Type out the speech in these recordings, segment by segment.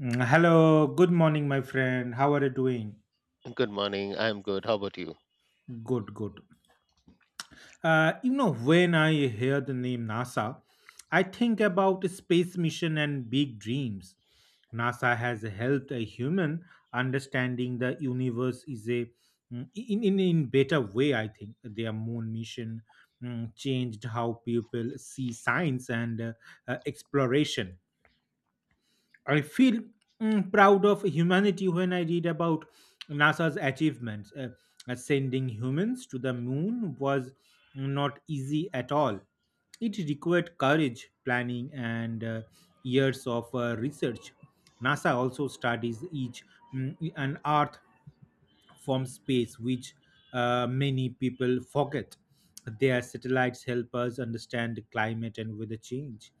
Hello, good morning, my friend. How are you doing? Good morning. I'm good. How about you? Good, good You know, when I hear the name NASA, I think about space mission and big dreams. NASA has helped a human understanding the universe is a in better way. I think their moon mission changed how people see science and exploration. I feel proud of humanity when I read about NASA's achievements. Sending humans to the moon was not easy at all. It required courage, planning, and years of research. NASA also studies each an Earth from space, which many people forget. Their satellites help us understand climate and weather change.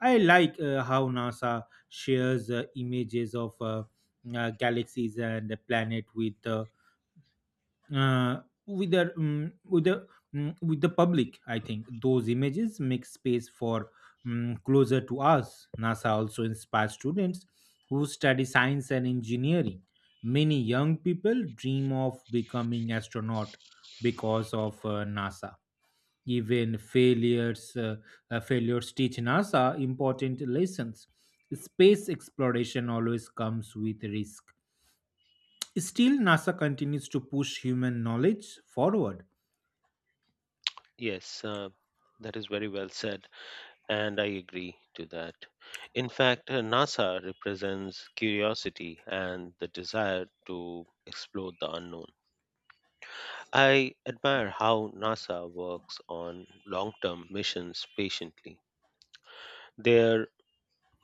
I like how NASA shares images of galaxies and the planet with the with the with the public. I think those images make space for closer to us. NASA also inspires students who study science and engineering. Many young people dream of becoming astronaut because of NASA. Even failures failures teach NASA important lessons. Space exploration always comes with risk. Still, NASA continues to push human knowledge forward. Yes, that is very well said, and I agree to that. In fact, NASA represents curiosity and the desire to explore the unknown. I admire how NASA works on long term missions patiently. Their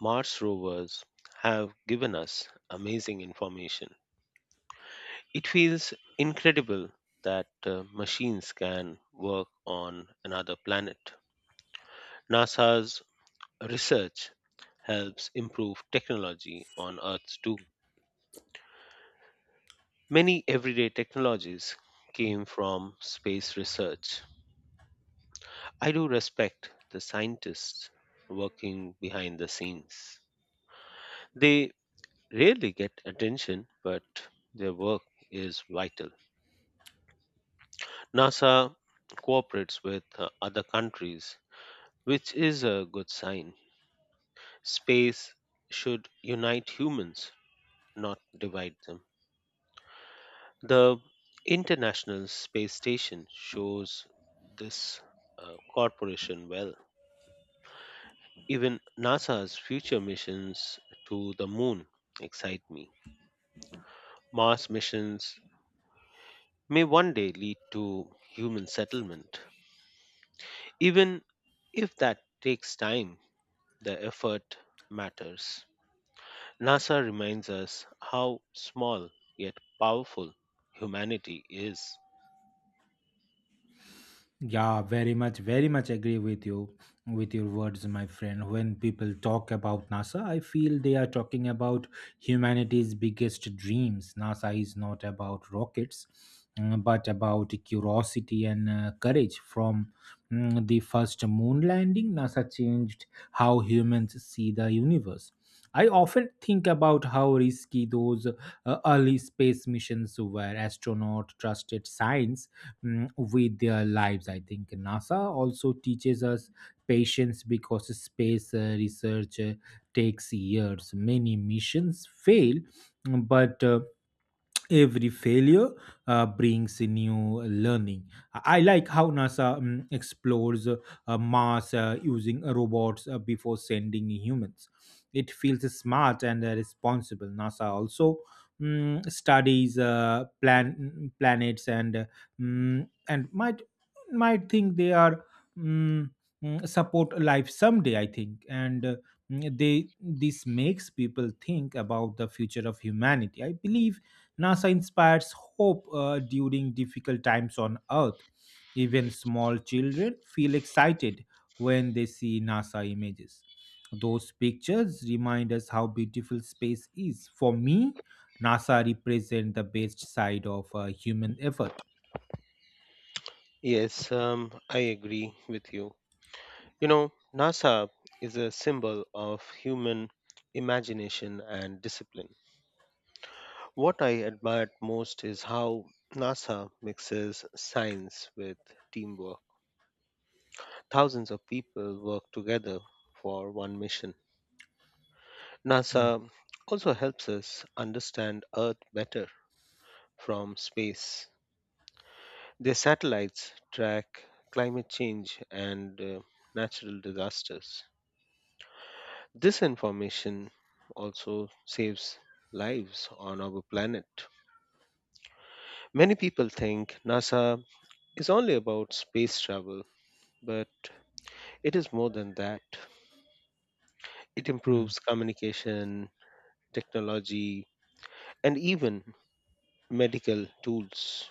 Mars rovers have given us amazing information. It feels incredible that machines can work on another planet. NASA's research helps improve technology on Earth too. Many everyday technologies came from space research. I do respect the scientists working behind the scenes. They rarely get attention, but their work is vital. NASA cooperates with other countries, which is a good sign. Space should unite humans, not divide them. The International Space Station shows this corporation well. Even NASA's future missions to the moon excite me. Mars missions may one day lead to human settlement. Even if that takes time, the effort matters. NASA reminds us how small yet powerful humanity is. Yeah, very much, very much agree with you, with your words, my friend. When people talk about NASA, I feel they are talking about humanity's biggest dreams. NASA is not about rockets, but about curiosity and courage. From the first moon landing, NASA changed how humans see the universe. I often think about how risky those early space missions were. Astronauts trusted science with their lives. I think NASA also teaches us patience because space research takes years. Many missions fail, but every failure brings a new learning. I like how NASA explores Mars using robots before sending humans. It feels smart and responsible. NASA also studies planets and and might think they are mm, support life someday. I think and. Mm, they this makes people think about the future of humanity. I believe NASA inspires hope during difficult times on Earth. Even small children feel excited when they see NASA images. Those pictures remind us how beautiful space is. For me, NASA represents the best side of human effort. Yes, I agree with you. You know, NASA is a symbol of human imagination and discipline. What I admired most is how NASA mixes science with teamwork. Thousands of people work together for one mission. Hmm. NASA also helps us understand Earth better from space. Their satellites track climate change and natural disasters. This information also saves lives on our planet. Many people think NASA is only about space travel, but it is more than that. It improves communication, technology, and even medical tools.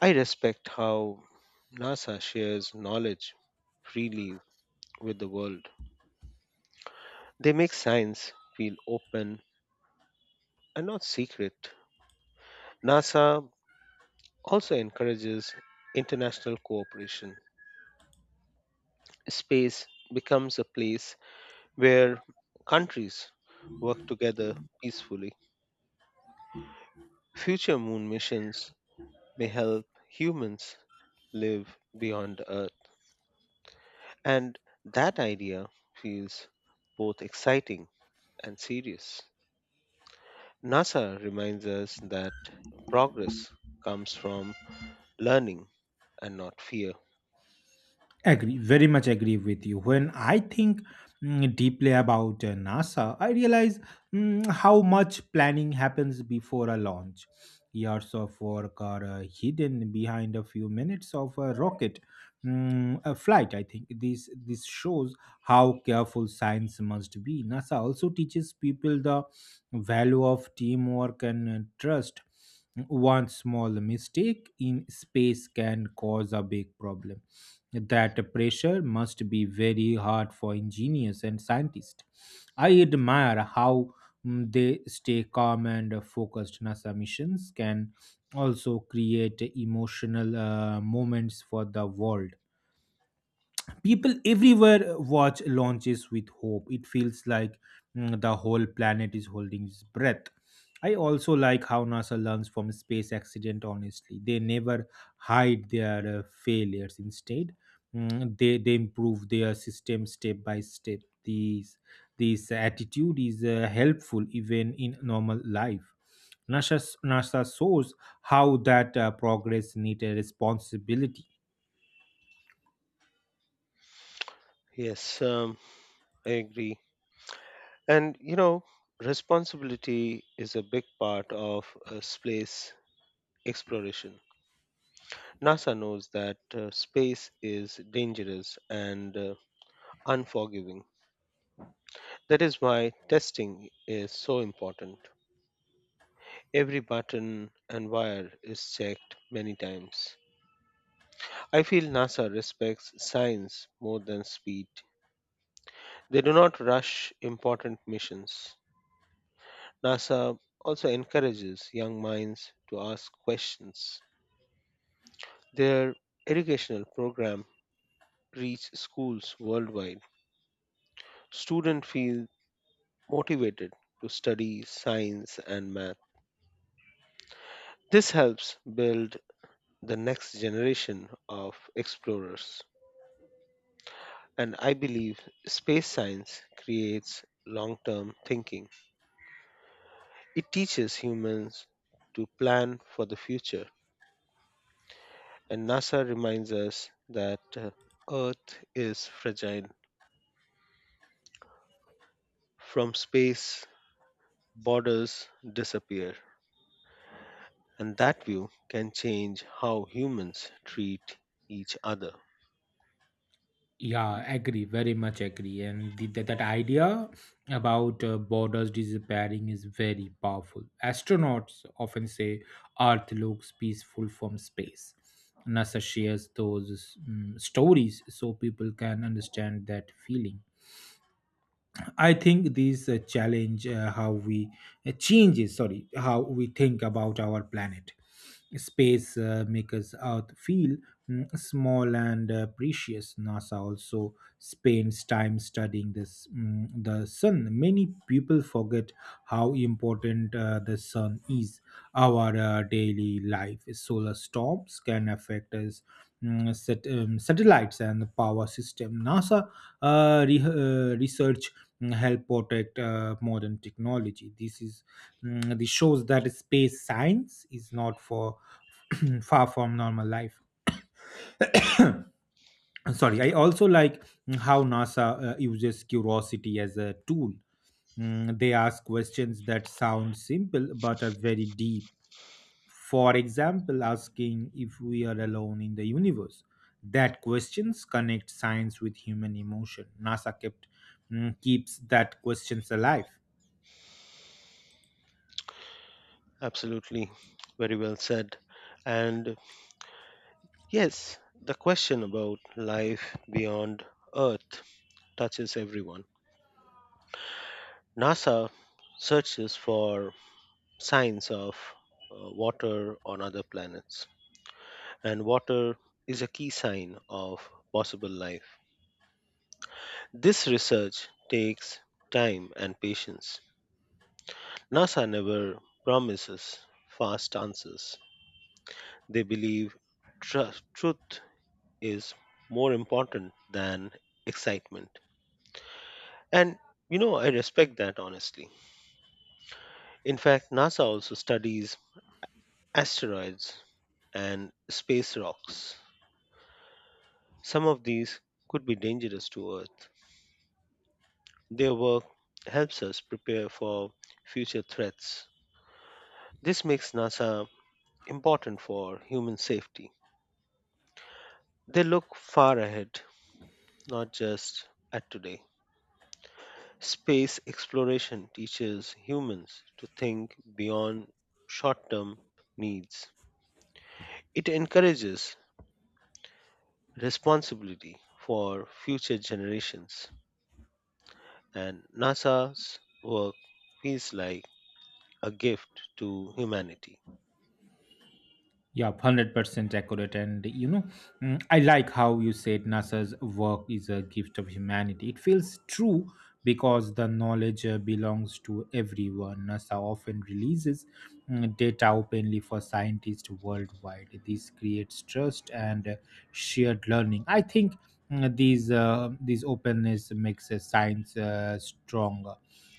I respect how NASA shares knowledge freely with the world. They make science feel open and not secret. NASA also encourages international cooperation. Space becomes a place where countries work together peacefully. Future moon missions may help humans live beyond Earth, and that idea feels both exciting and serious. NASA reminds us that progress comes from learning and not fear. Agree, very much agree with you. When I think deeply about NASA, I realize how much planning happens before a launch. Years of work are hidden behind a few minutes of a rocket a flight. I think this shows how careful science must be. NASA also teaches people the value of teamwork and trust. One small mistake in space can cause a big problem. That pressure must be very hard for engineers and scientists. I admire how they stay calm and focused. NASA missions can also create emotional moments for the world. People everywhere watch launches with hope. It feels like the whole planet is holding its breath. I also like how NASA learns from space accident honestly. They never hide their failures. Instead, they improve their system step by step. These this attitude is helpful even in normal life. Nasa nasa shows how that progress needs a responsibility. Yes, um, I agree. And you know, responsibility is a big part of space exploration. NASA knows that space is dangerous and unforgiving. That is why testing is so important. Every button and wire is checked many times. I feel NASA respects science more than speed. They do not rush important missions. NASA also encourages young minds to ask questions. Their educational program reach schools worldwide. Students feel motivated to study science and math. This helps build the next generation of explorers. And I believe space science creates long term thinking. It teaches humans to plan for the future. And NASA reminds us that Earth is fragile. From space, borders disappear. And that view can change how humans treat each other. Yeah, agree, very much agree. And that idea about borders disappearing is very powerful. Astronauts often say Earth looks peaceful from space. NASA shares those stories so people can understand that feeling. I think these challenge how we changes sorry how we think about our planet. Space makes Earth feel small and precious. NASA also spends time studying the sun. Many people forget how important the sun is. Our daily life. Solar storms can affect us. Satellites and the power system. NASA research help protect modern technology. This shows that space science is not for far from normal life. Sorry, I also like how NASA uses curiosity as a tool. They ask questions that sound simple but are very deep. For example, asking if we are alone in the universe. That questions connect science with human emotion. NASA keeps that questions alive. Absolutely. Very well said. And yes, the question about life beyond Earth touches everyone. NASA searches for signs of water on other planets, and water is a key sign of possible life. This research takes time and patience. NASA never promises fast answers. They believe trust, truth is more important than excitement. And you know, I respect that honestly. In fact, NASA also studies asteroids and space rocks. Some of these could be dangerous to Earth. Their work helps us prepare for future threats. This makes NASA important for human safety. They look far ahead, not just at today. Space exploration teaches humans to think beyond short term needs. It encourages responsibility for future generations, and NASA's work feels like a gift to humanity. Yeah, 100% accurate. And you know, I like how you said NASA's work is a gift of humanity. It feels true because the knowledge belongs to everyone. NASA often releases data openly for scientists worldwide. This creates trust and shared learning. I think these openness makes science stronger.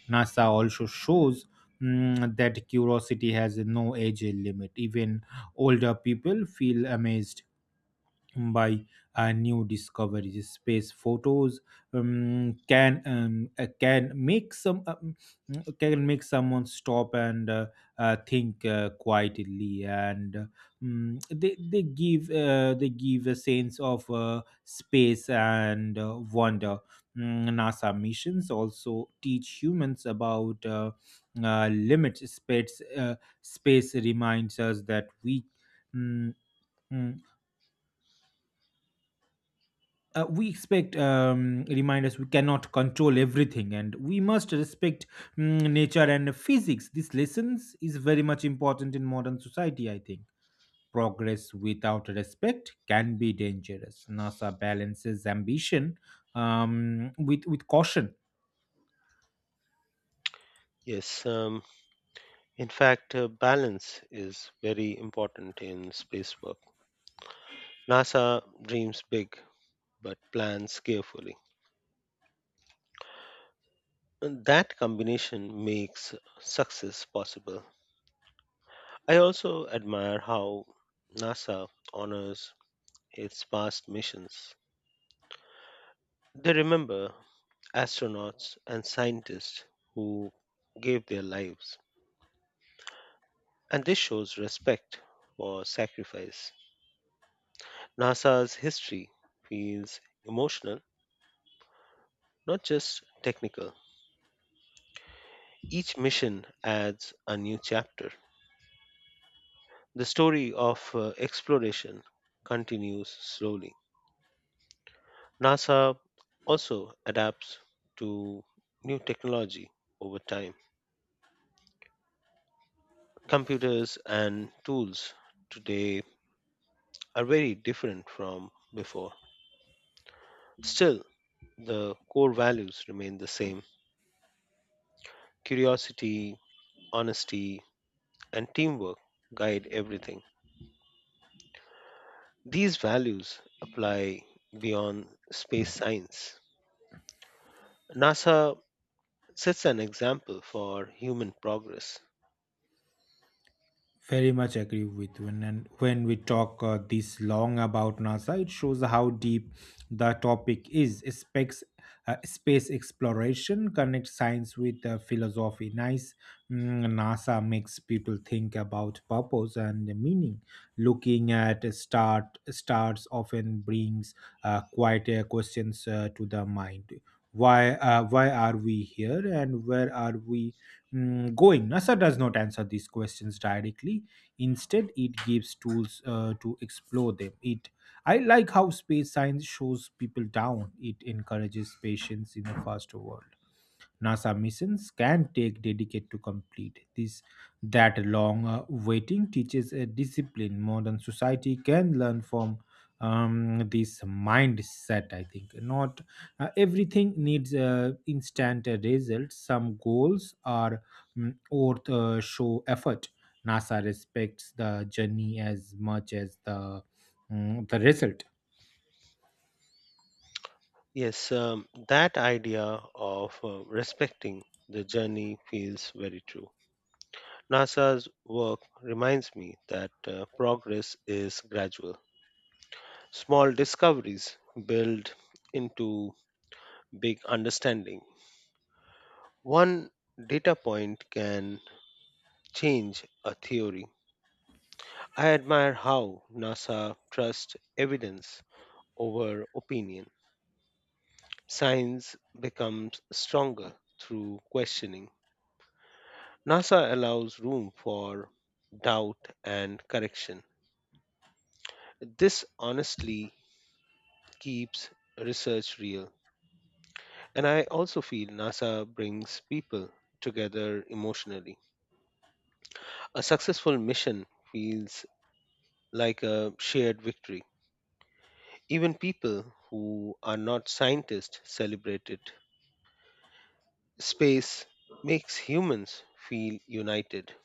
NASA also shows that curiosity has no age limit. Even older people feel amazed by new discoveries. Space photos um, can um, uh, can make some um, can make someone stop and think quietly, and they give a sense of space and wonder. NASA missions also teach humans about limits. Space reminds us that we. mm, mm, we expect reminders we cannot control everything, and we must respect nature and physics. These lessons is very much important in modern society, I think. Progress without respect can be dangerous. NASA balances ambition with caution. Yes, um, in fact, balance is very important in space work. NASA dreams big but plans carefully. And that combination makes success possible. I also admire how NASA honors its past missions. They remember astronauts and scientists who gave their lives, and this shows respect for sacrifice. NASA's history feels emotional, not just technical. Each mission adds a new chapter. The story of exploration continues slowly. NASA also adapts to new technology over time. Computers and tools today are very different from before. Still, the core values remain the same. Curiosity, honesty, and teamwork guide everything. These values apply beyond space science. NASA sets an example for human progress. Very much agree with you. And then when we talk this long about NASA, it shows how deep the topic is. Space exploration connects science with philosophy. Nice. NASA makes people think about purpose and meaning. Looking at start stars often brings quite questions to the mind. Why? Why are we here? And where are we going? NASA does not answer these questions directly. Instead, it gives tools to explore them. It I like how space science shows people down. It encourages patience in a faster world. NASA missions can take decades to complete. This that long waiting teaches a discipline. Modern society can learn from this mindset. I think not everything needs instant results. Some goals are worth show effort. NASA respects the journey as much as the result. Yes, that idea of respecting the journey feels very true. NASA's work reminds me that progress is gradual. Small discoveries build into big understanding. One data point can change a theory. I admire how NASA trusts evidence over opinion. Science becomes stronger through questioning. NASA allows room for doubt and correction. This honestly keeps research real. And I also feel NASA brings people together emotionally. A successful mission feels like a shared victory. Even people who are not scientists celebrate it. Space makes humans feel united.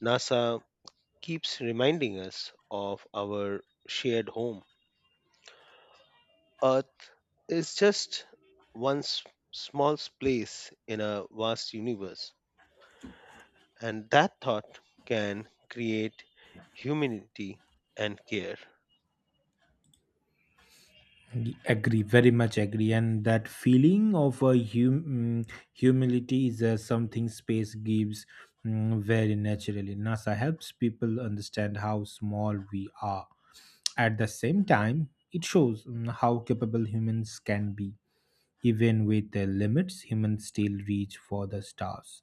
NASA keeps reminding us of our shared home. Earth is just one small place in a vast universe, and that thought can create humanity and care. Agree, very much agree. And that feeling of humility is something space gives very naturally. NASA helps people understand how small we are. At the same time, it shows how capable humans can be. Even with their limits, humans still reach for the stars.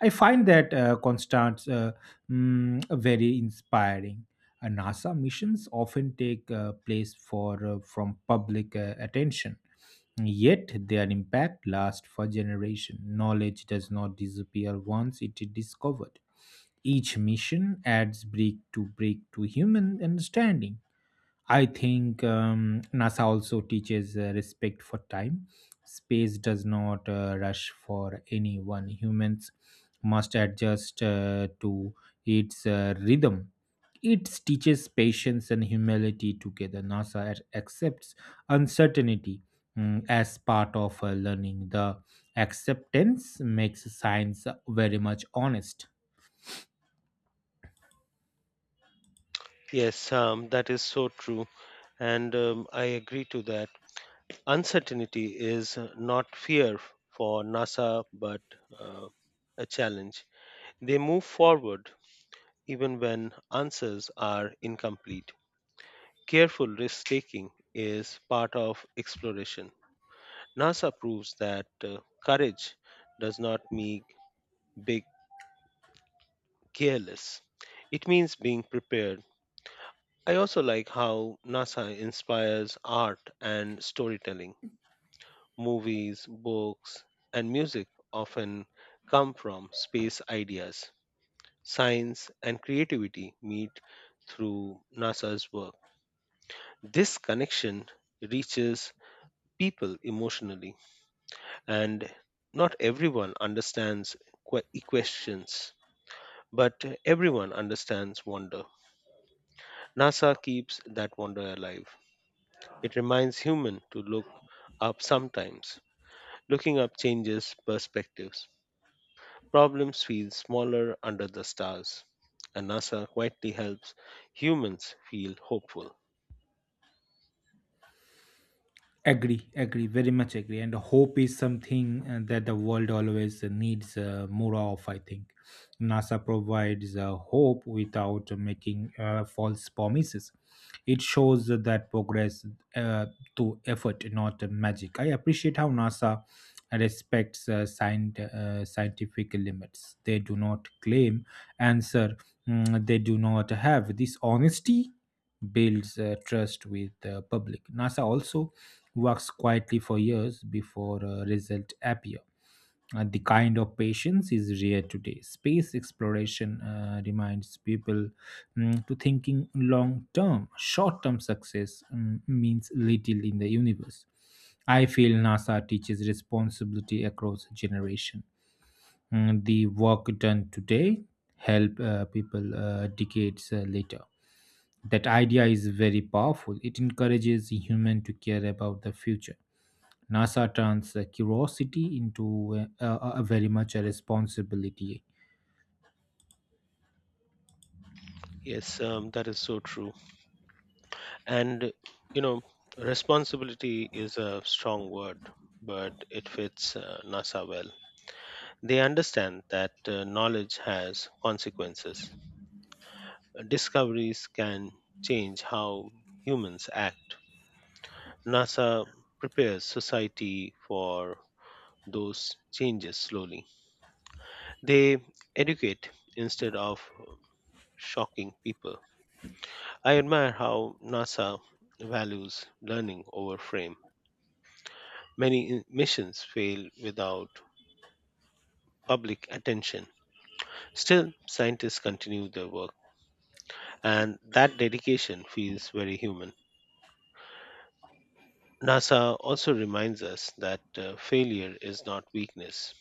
I find that Constance very inspiring. NASA missions often take place for from public attention, yet their impact lasts for generations. Knowledge does not disappear once it is discovered. Each mission adds brick to brick to human understanding. I think NASA also teaches respect for time. Space does not rush for anyone. Humans must adjust to its rhythm. It teaches patience and humility together. NASA accepts uncertainty as part of learning. The acceptance makes science very much honest. Yes, that is so true, and I agree to that. Uncertainty is not fear for NASA, but uh, a challenge. They move forward even when answers are incomplete. Careful risk taking is part of exploration. NASA proves that courage does not mean big careless. It means being prepared. I also like how NASA inspires art and storytelling. Movies, books, and music often come from space ideas. Science and creativity meet through NASA's work. This connection reaches people emotionally, and not everyone understands questions. But everyone understands wonder. NASA keeps that wonder alive. It reminds human to look up sometimes. Looking up changes perspectives. Problems feel smaller under the stars. And NASA quietly helps humans feel hopeful. Agree, agree, very much agree. And hope is something that the world always needs more of, I think. NASA provides hope without making false promises. It shows that progress uh, to effort, not magic. I appreciate how NASA respects scientific limits. They do not claim answer they do not have. This honesty builds trust with the public. NASA also works quietly for years before results appear. And the kind of patience is rare today. Space exploration reminds people to thinking long term. Short term success means little in the universe. I feel NASA teaches responsibility across generation. The work done today help people decades later. That idea is very powerful. It encourages human to care about the future. NASA turns curiosity into a very much a responsibility. Yes, that is so true. And, you know, responsibility is a strong word, but it fits NASA well. They understand that knowledge has consequences. Discoveries can change how humans act. NASA prepares society for those changes slowly. They educate instead of shocking people. I admire how NASA values learning over fame. Many missions fail without public attention. Still, scientists continue their work, and that dedication feels very human. NASA also reminds us that failure is not weakness,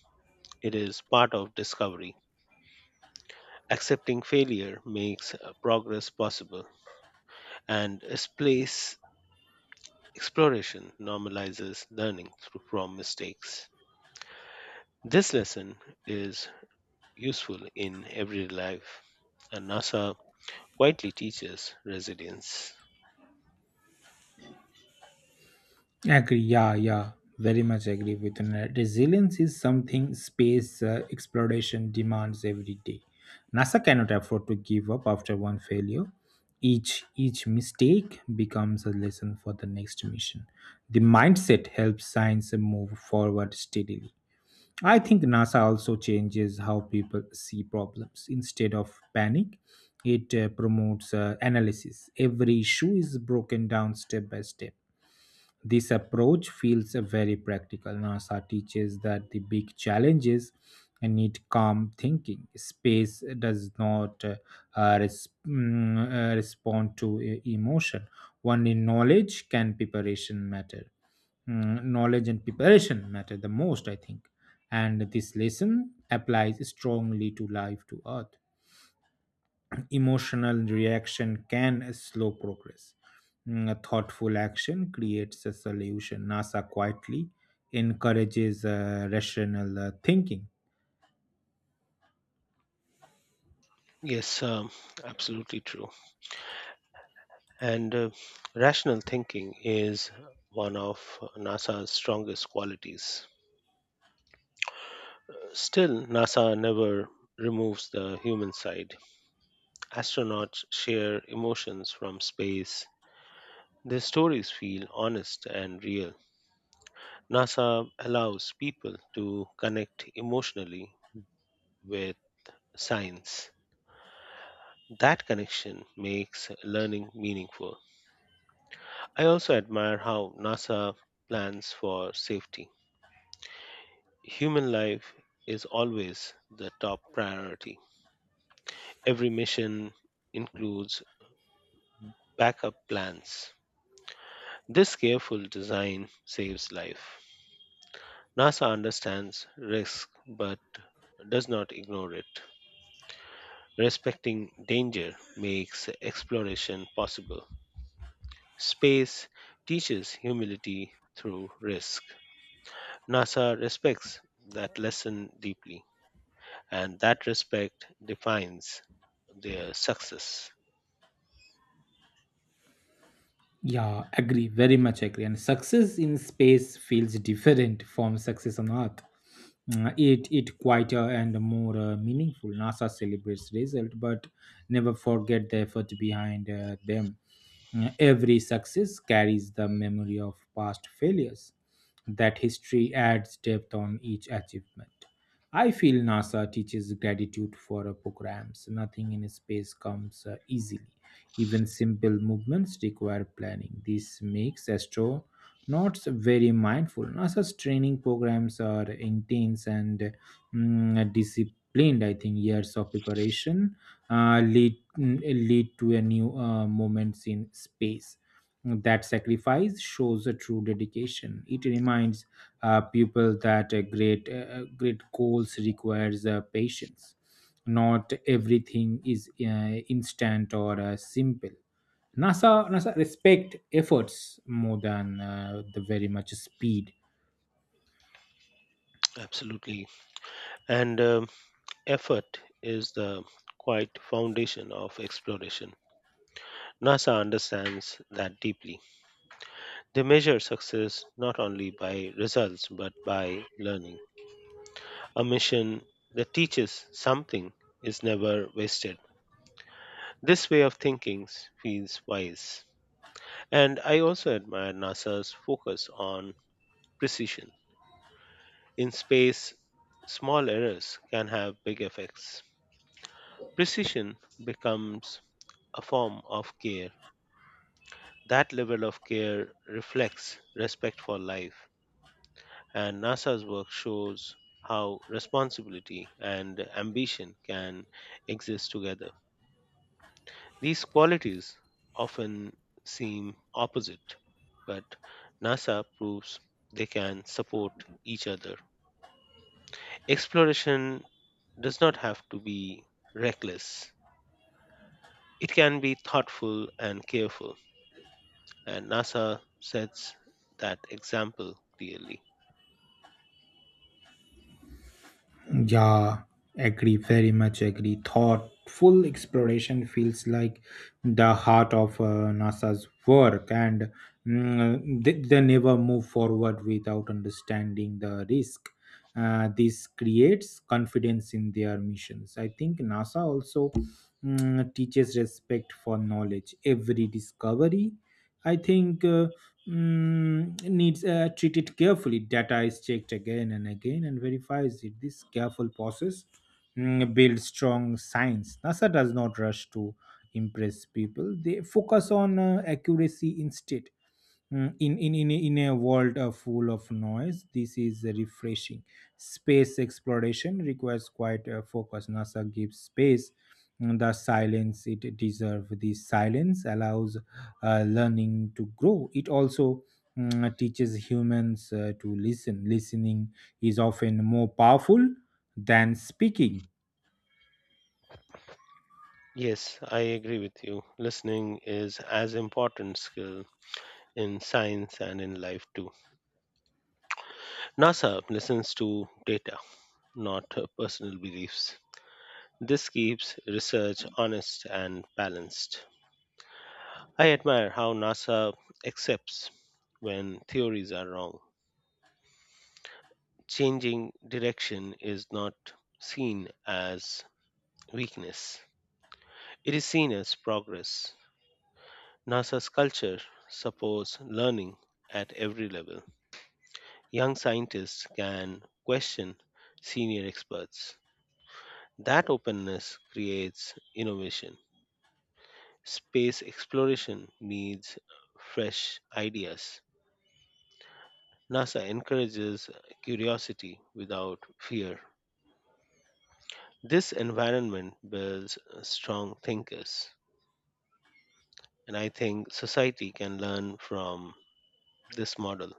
it is part of discovery. Accepting failure makes progress possible, and space exploration normalizes learning through, from mistakes. This lesson is useful in everyday life, and NASA quietly teaches resilience. Agree. Yeah, yeah. Very much agree with Nat. Resilience is something space exploration demands every day. NASA cannot afford to give up after one failure. Each mistake becomes a lesson for the next mission. The mindset helps science move forward steadily. I think NASA also changes how people see problems. Instead of panic, it promotes analysis. Every issue is broken down step by step. This approach feels very practical. NASA teaches that the big challenges need calm thinking. Space does not respond to emotion. Only knowledge can preparation matter. Knowledge and preparation matter the most, I think. And this lesson applies strongly to life to earth. Emotional reaction can slow progress. A thoughtful action creates a solution. NASA quietly encourages rational thinking. Yes, um, absolutely true. And rational thinking is one of NASA's strongest qualities. Still, NASA never removes the human side. Astronauts share emotions from space. Their stories feel honest and real. NASA allows people to connect emotionally with science. That connection makes learning meaningful. I also admire how NASA plans for safety. Human life is always the top priority. Every mission includes backup plans. This careful design saves life. NASA understands risk but does not ignore it. Respecting danger makes exploration possible. Space teaches humility through risk. NASA respects that lesson deeply, and that respect defines their success. Yeah, agree, very much agree. And success in space feels different from success on Earth. It quieter and more meaningful. NASA celebrates result, but never forget the effort behind them. Every success carries the memory of past failures. That history adds depth on each achievement. I feel NASA teaches gratitude for programs. Nothing in space comes easily. Even simple movements require planning. This makes astronauts very mindful. NASA's training programs are intense and disciplined. I think years of preparation lead to a new moments in space. That sacrifice shows a true dedication. It reminds people that great goals requires patience, not everything is instant or simple. NASA respect efforts more than the very much speed. Absolutely. And effort is the quite foundation of exploration. NASA understands that deeply. They measure success not only by results but by learning. A mission that teaches something is never wasted. This way of thinking feels wise. And I also admire NASA's focus on precision. In space, small errors can have big effects. Precision becomes a form of care. That level of care reflects respect for life and NASA's work shows how responsibility and ambition can exist together. These qualities often seem opposite, but NASA proves they can support each other. Exploration does not have to be reckless, it can be thoughtful and careful, and NASA sets that example clearly. Yeah, agree, very much agree. Thoughtful exploration feels like the heart of NASA's work, and they never move forward without understanding the risk. This creates confidence in their missions. I think NASA also teaches respect for knowledge. Every discovery, I think, needs treated carefully. Data is checked again and again and verifies it. This careful process builds strong science. NASA does not rush to impress people, they focus on accuracy instead. In a world full of noise, this is refreshing. Space exploration requires quite a focus. NASA gives space, the silence it deserves. This silence allows learning to grow. It also teaches humans to listen. Listening is often more powerful than speaking. Yes, I agree with you. Listening is as important skill in science and in life too. NASA listens to data, not personal beliefs. This keeps research honest and balanced. I admire how NASA accepts when theories are wrong. Changing direction is not seen as weakness, it is seen as progress. NASA's culture supports learning at every level. Young scientists can question senior experts. That openness creates innovation. Space exploration needs fresh ideas. NASA encourages curiosity without fear. This environment builds strong thinkers, and I think society can learn from this model.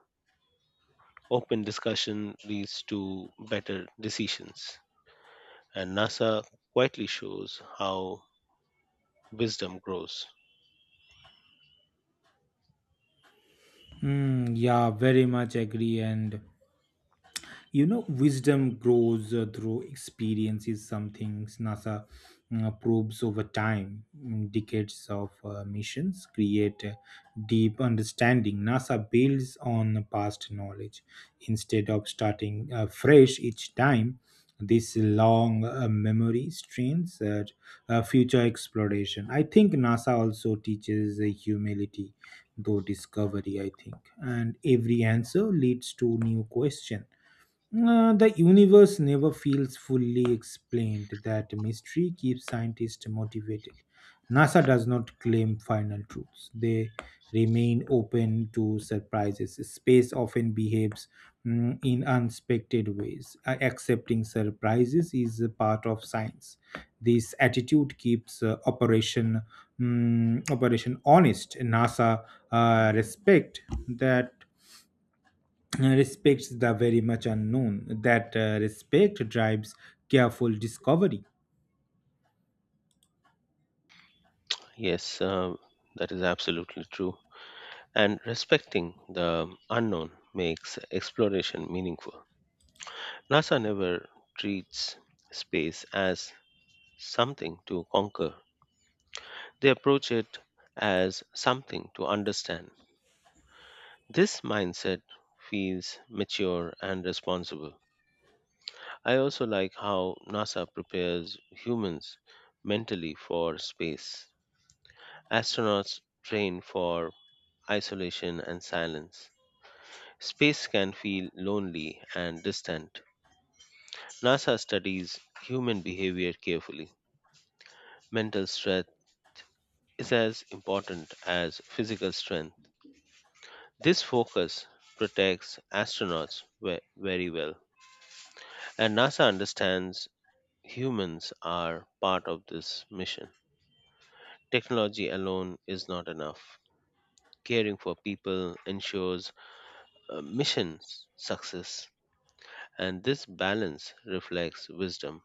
Open discussion leads to better decisions, and NASA quietly shows how wisdom grows. Yeah, very much agree, and wisdom grows through experience is some things NASA probes over time. Decades of missions create a deep understanding. NASA builds on past knowledge instead of starting fresh each time. This long memory strains at future exploration. I think NASA also teaches humility though discovery, I think, and every answer leads to new question. The universe never feels fully explained. That mystery keeps scientists motivated. NASA does not claim final truths, they remain open to surprises. Space often behaves in unexpected ways. Accepting surprises is a part of science. This attitude keeps operation honest. NASA uh, respect that respects the very much unknown. That respect drives careful discovery. Yes, that is absolutely true. And respecting the unknown makes exploration meaningful. NASA never treats space as something to conquer, they approach it as something to understand. This mindset feels mature and responsible. I also like how NASA prepares humans mentally for space. Astronauts train for isolation and silence. Space can feel lonely and distant. NASA studies human behavior carefully. Mental strength is as important as physical strength. This focus protects astronauts very well, and NASA understands humans are part of this mission. Technology alone is not enough. Caring for people ensures mission success, and this balance reflects wisdom.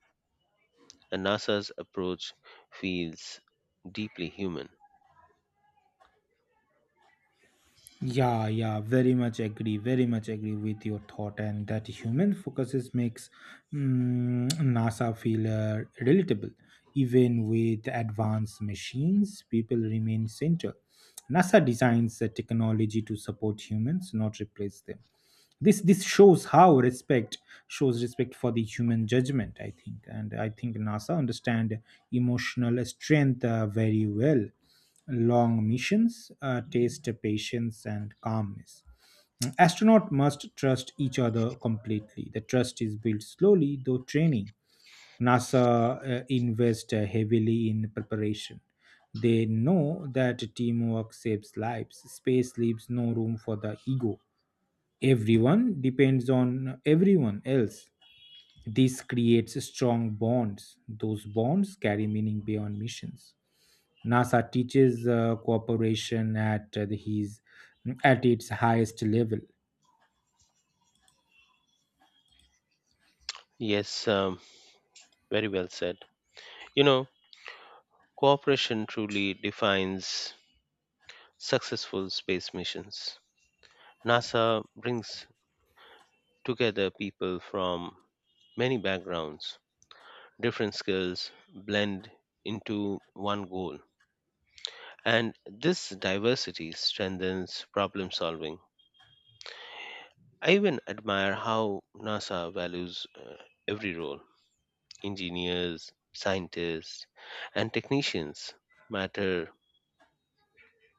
And NASA's approach feels deeply human. Yeah, yeah, very much agree with your thought, and that human focuses makes NASA feel relatable. Even with advanced machines, people remain central. NASA designs the technology to support humans, not replace them. This shows how respect Shows respect for the human judgment, I think, and I think NASA understand emotional strength very well. Long missions taste patience and calmness. Astronaut must trust each other completely. The trust is built slowly through training. NASA invest heavily in preparation. They know that teamwork saves lives. Space leaves no room for the ego. Everyone depends on everyone else. This creates strong bonds. Those bonds carry meaning beyond missions. NASA teaches cooperation at the- his at its highest level. Yes, um, Very well said. You know, cooperation truly defines successful space missions. NASA brings together people from many backgrounds, different skills blend into one goal. And this diversity strengthens problem solving. I even admire how NASA values every role: engineers, scientists, and technicians matter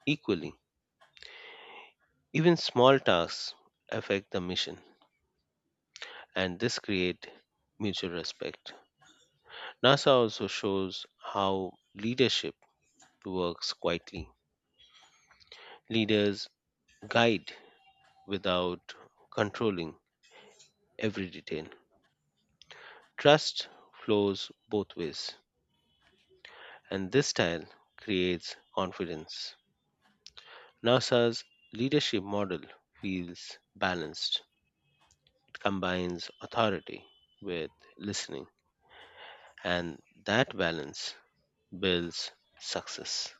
equally. Even small tasks affect the mission, and this creates mutual respect. NASA also shows how leadership works quietly. Leaders guide without controlling every detail. Trust flows both ways, and this style creates confidence. NASA's leadership model feels balanced, it combines authority with listening, and that balance builds success.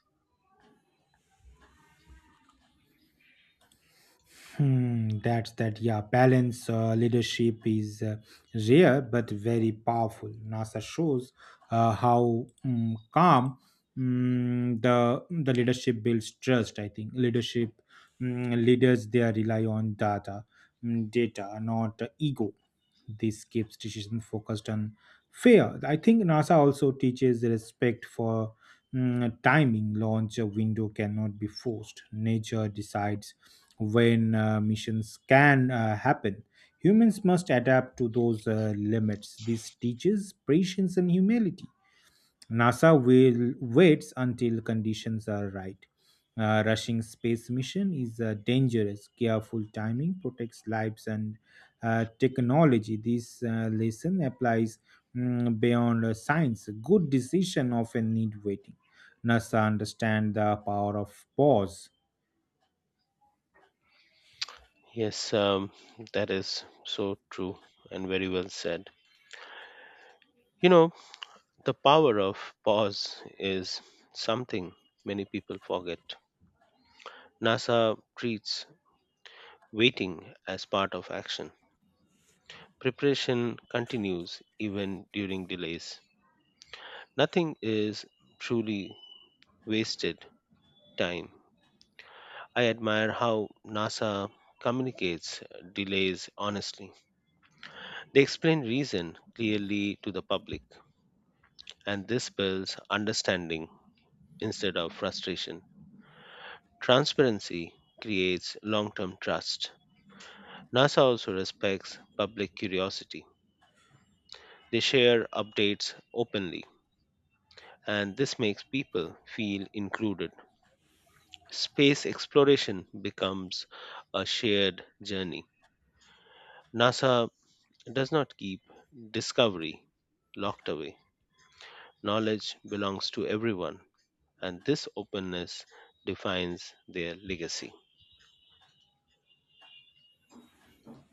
Hmm, that's that. Yeah, balance leadership is rare but very powerful. NASA shows how calm the leadership builds trust. I think leaders they rely on data, data, not ego. This keeps decision focused on fair. I think NASA also teaches respect for timing. Launch window cannot be forced. Nature decides when missions can happen. Humans must adapt to those limits. This teaches patience and humility. NASA will waits until conditions are right. Rushing space mission is dangerous. Careful timing protects lives and technology. This lesson applies beyond science. Good decision often need waiting. NASA understand the power of pause. Yes, um, that is so true and very well said. You know, the power of pause is something many people forget. NASA treats waiting as part of action. Preparation continues even during delays. Nothing is truly wasted time. I admire how NASA communicates delays honestly. They explain reason clearly to the public and this builds understanding instead of frustration. Transparency creates long term trust. NASA also respects public curiosity. They share updates openly, and this makes people feel included. Space exploration becomes a shared journey. NASA does not keep discovery locked away. Knowledge belongs to everyone, and this openness defines their legacy.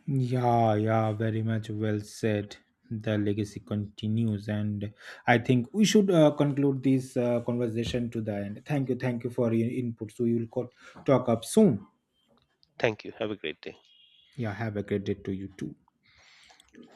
Yeah, yeah, very much well said. The legacy continues, and I think we should conclude this conversation to the end. Thank you for your input. So, you will talk up soon. Thank you. Have a great day. Yeah, have a great day to you too.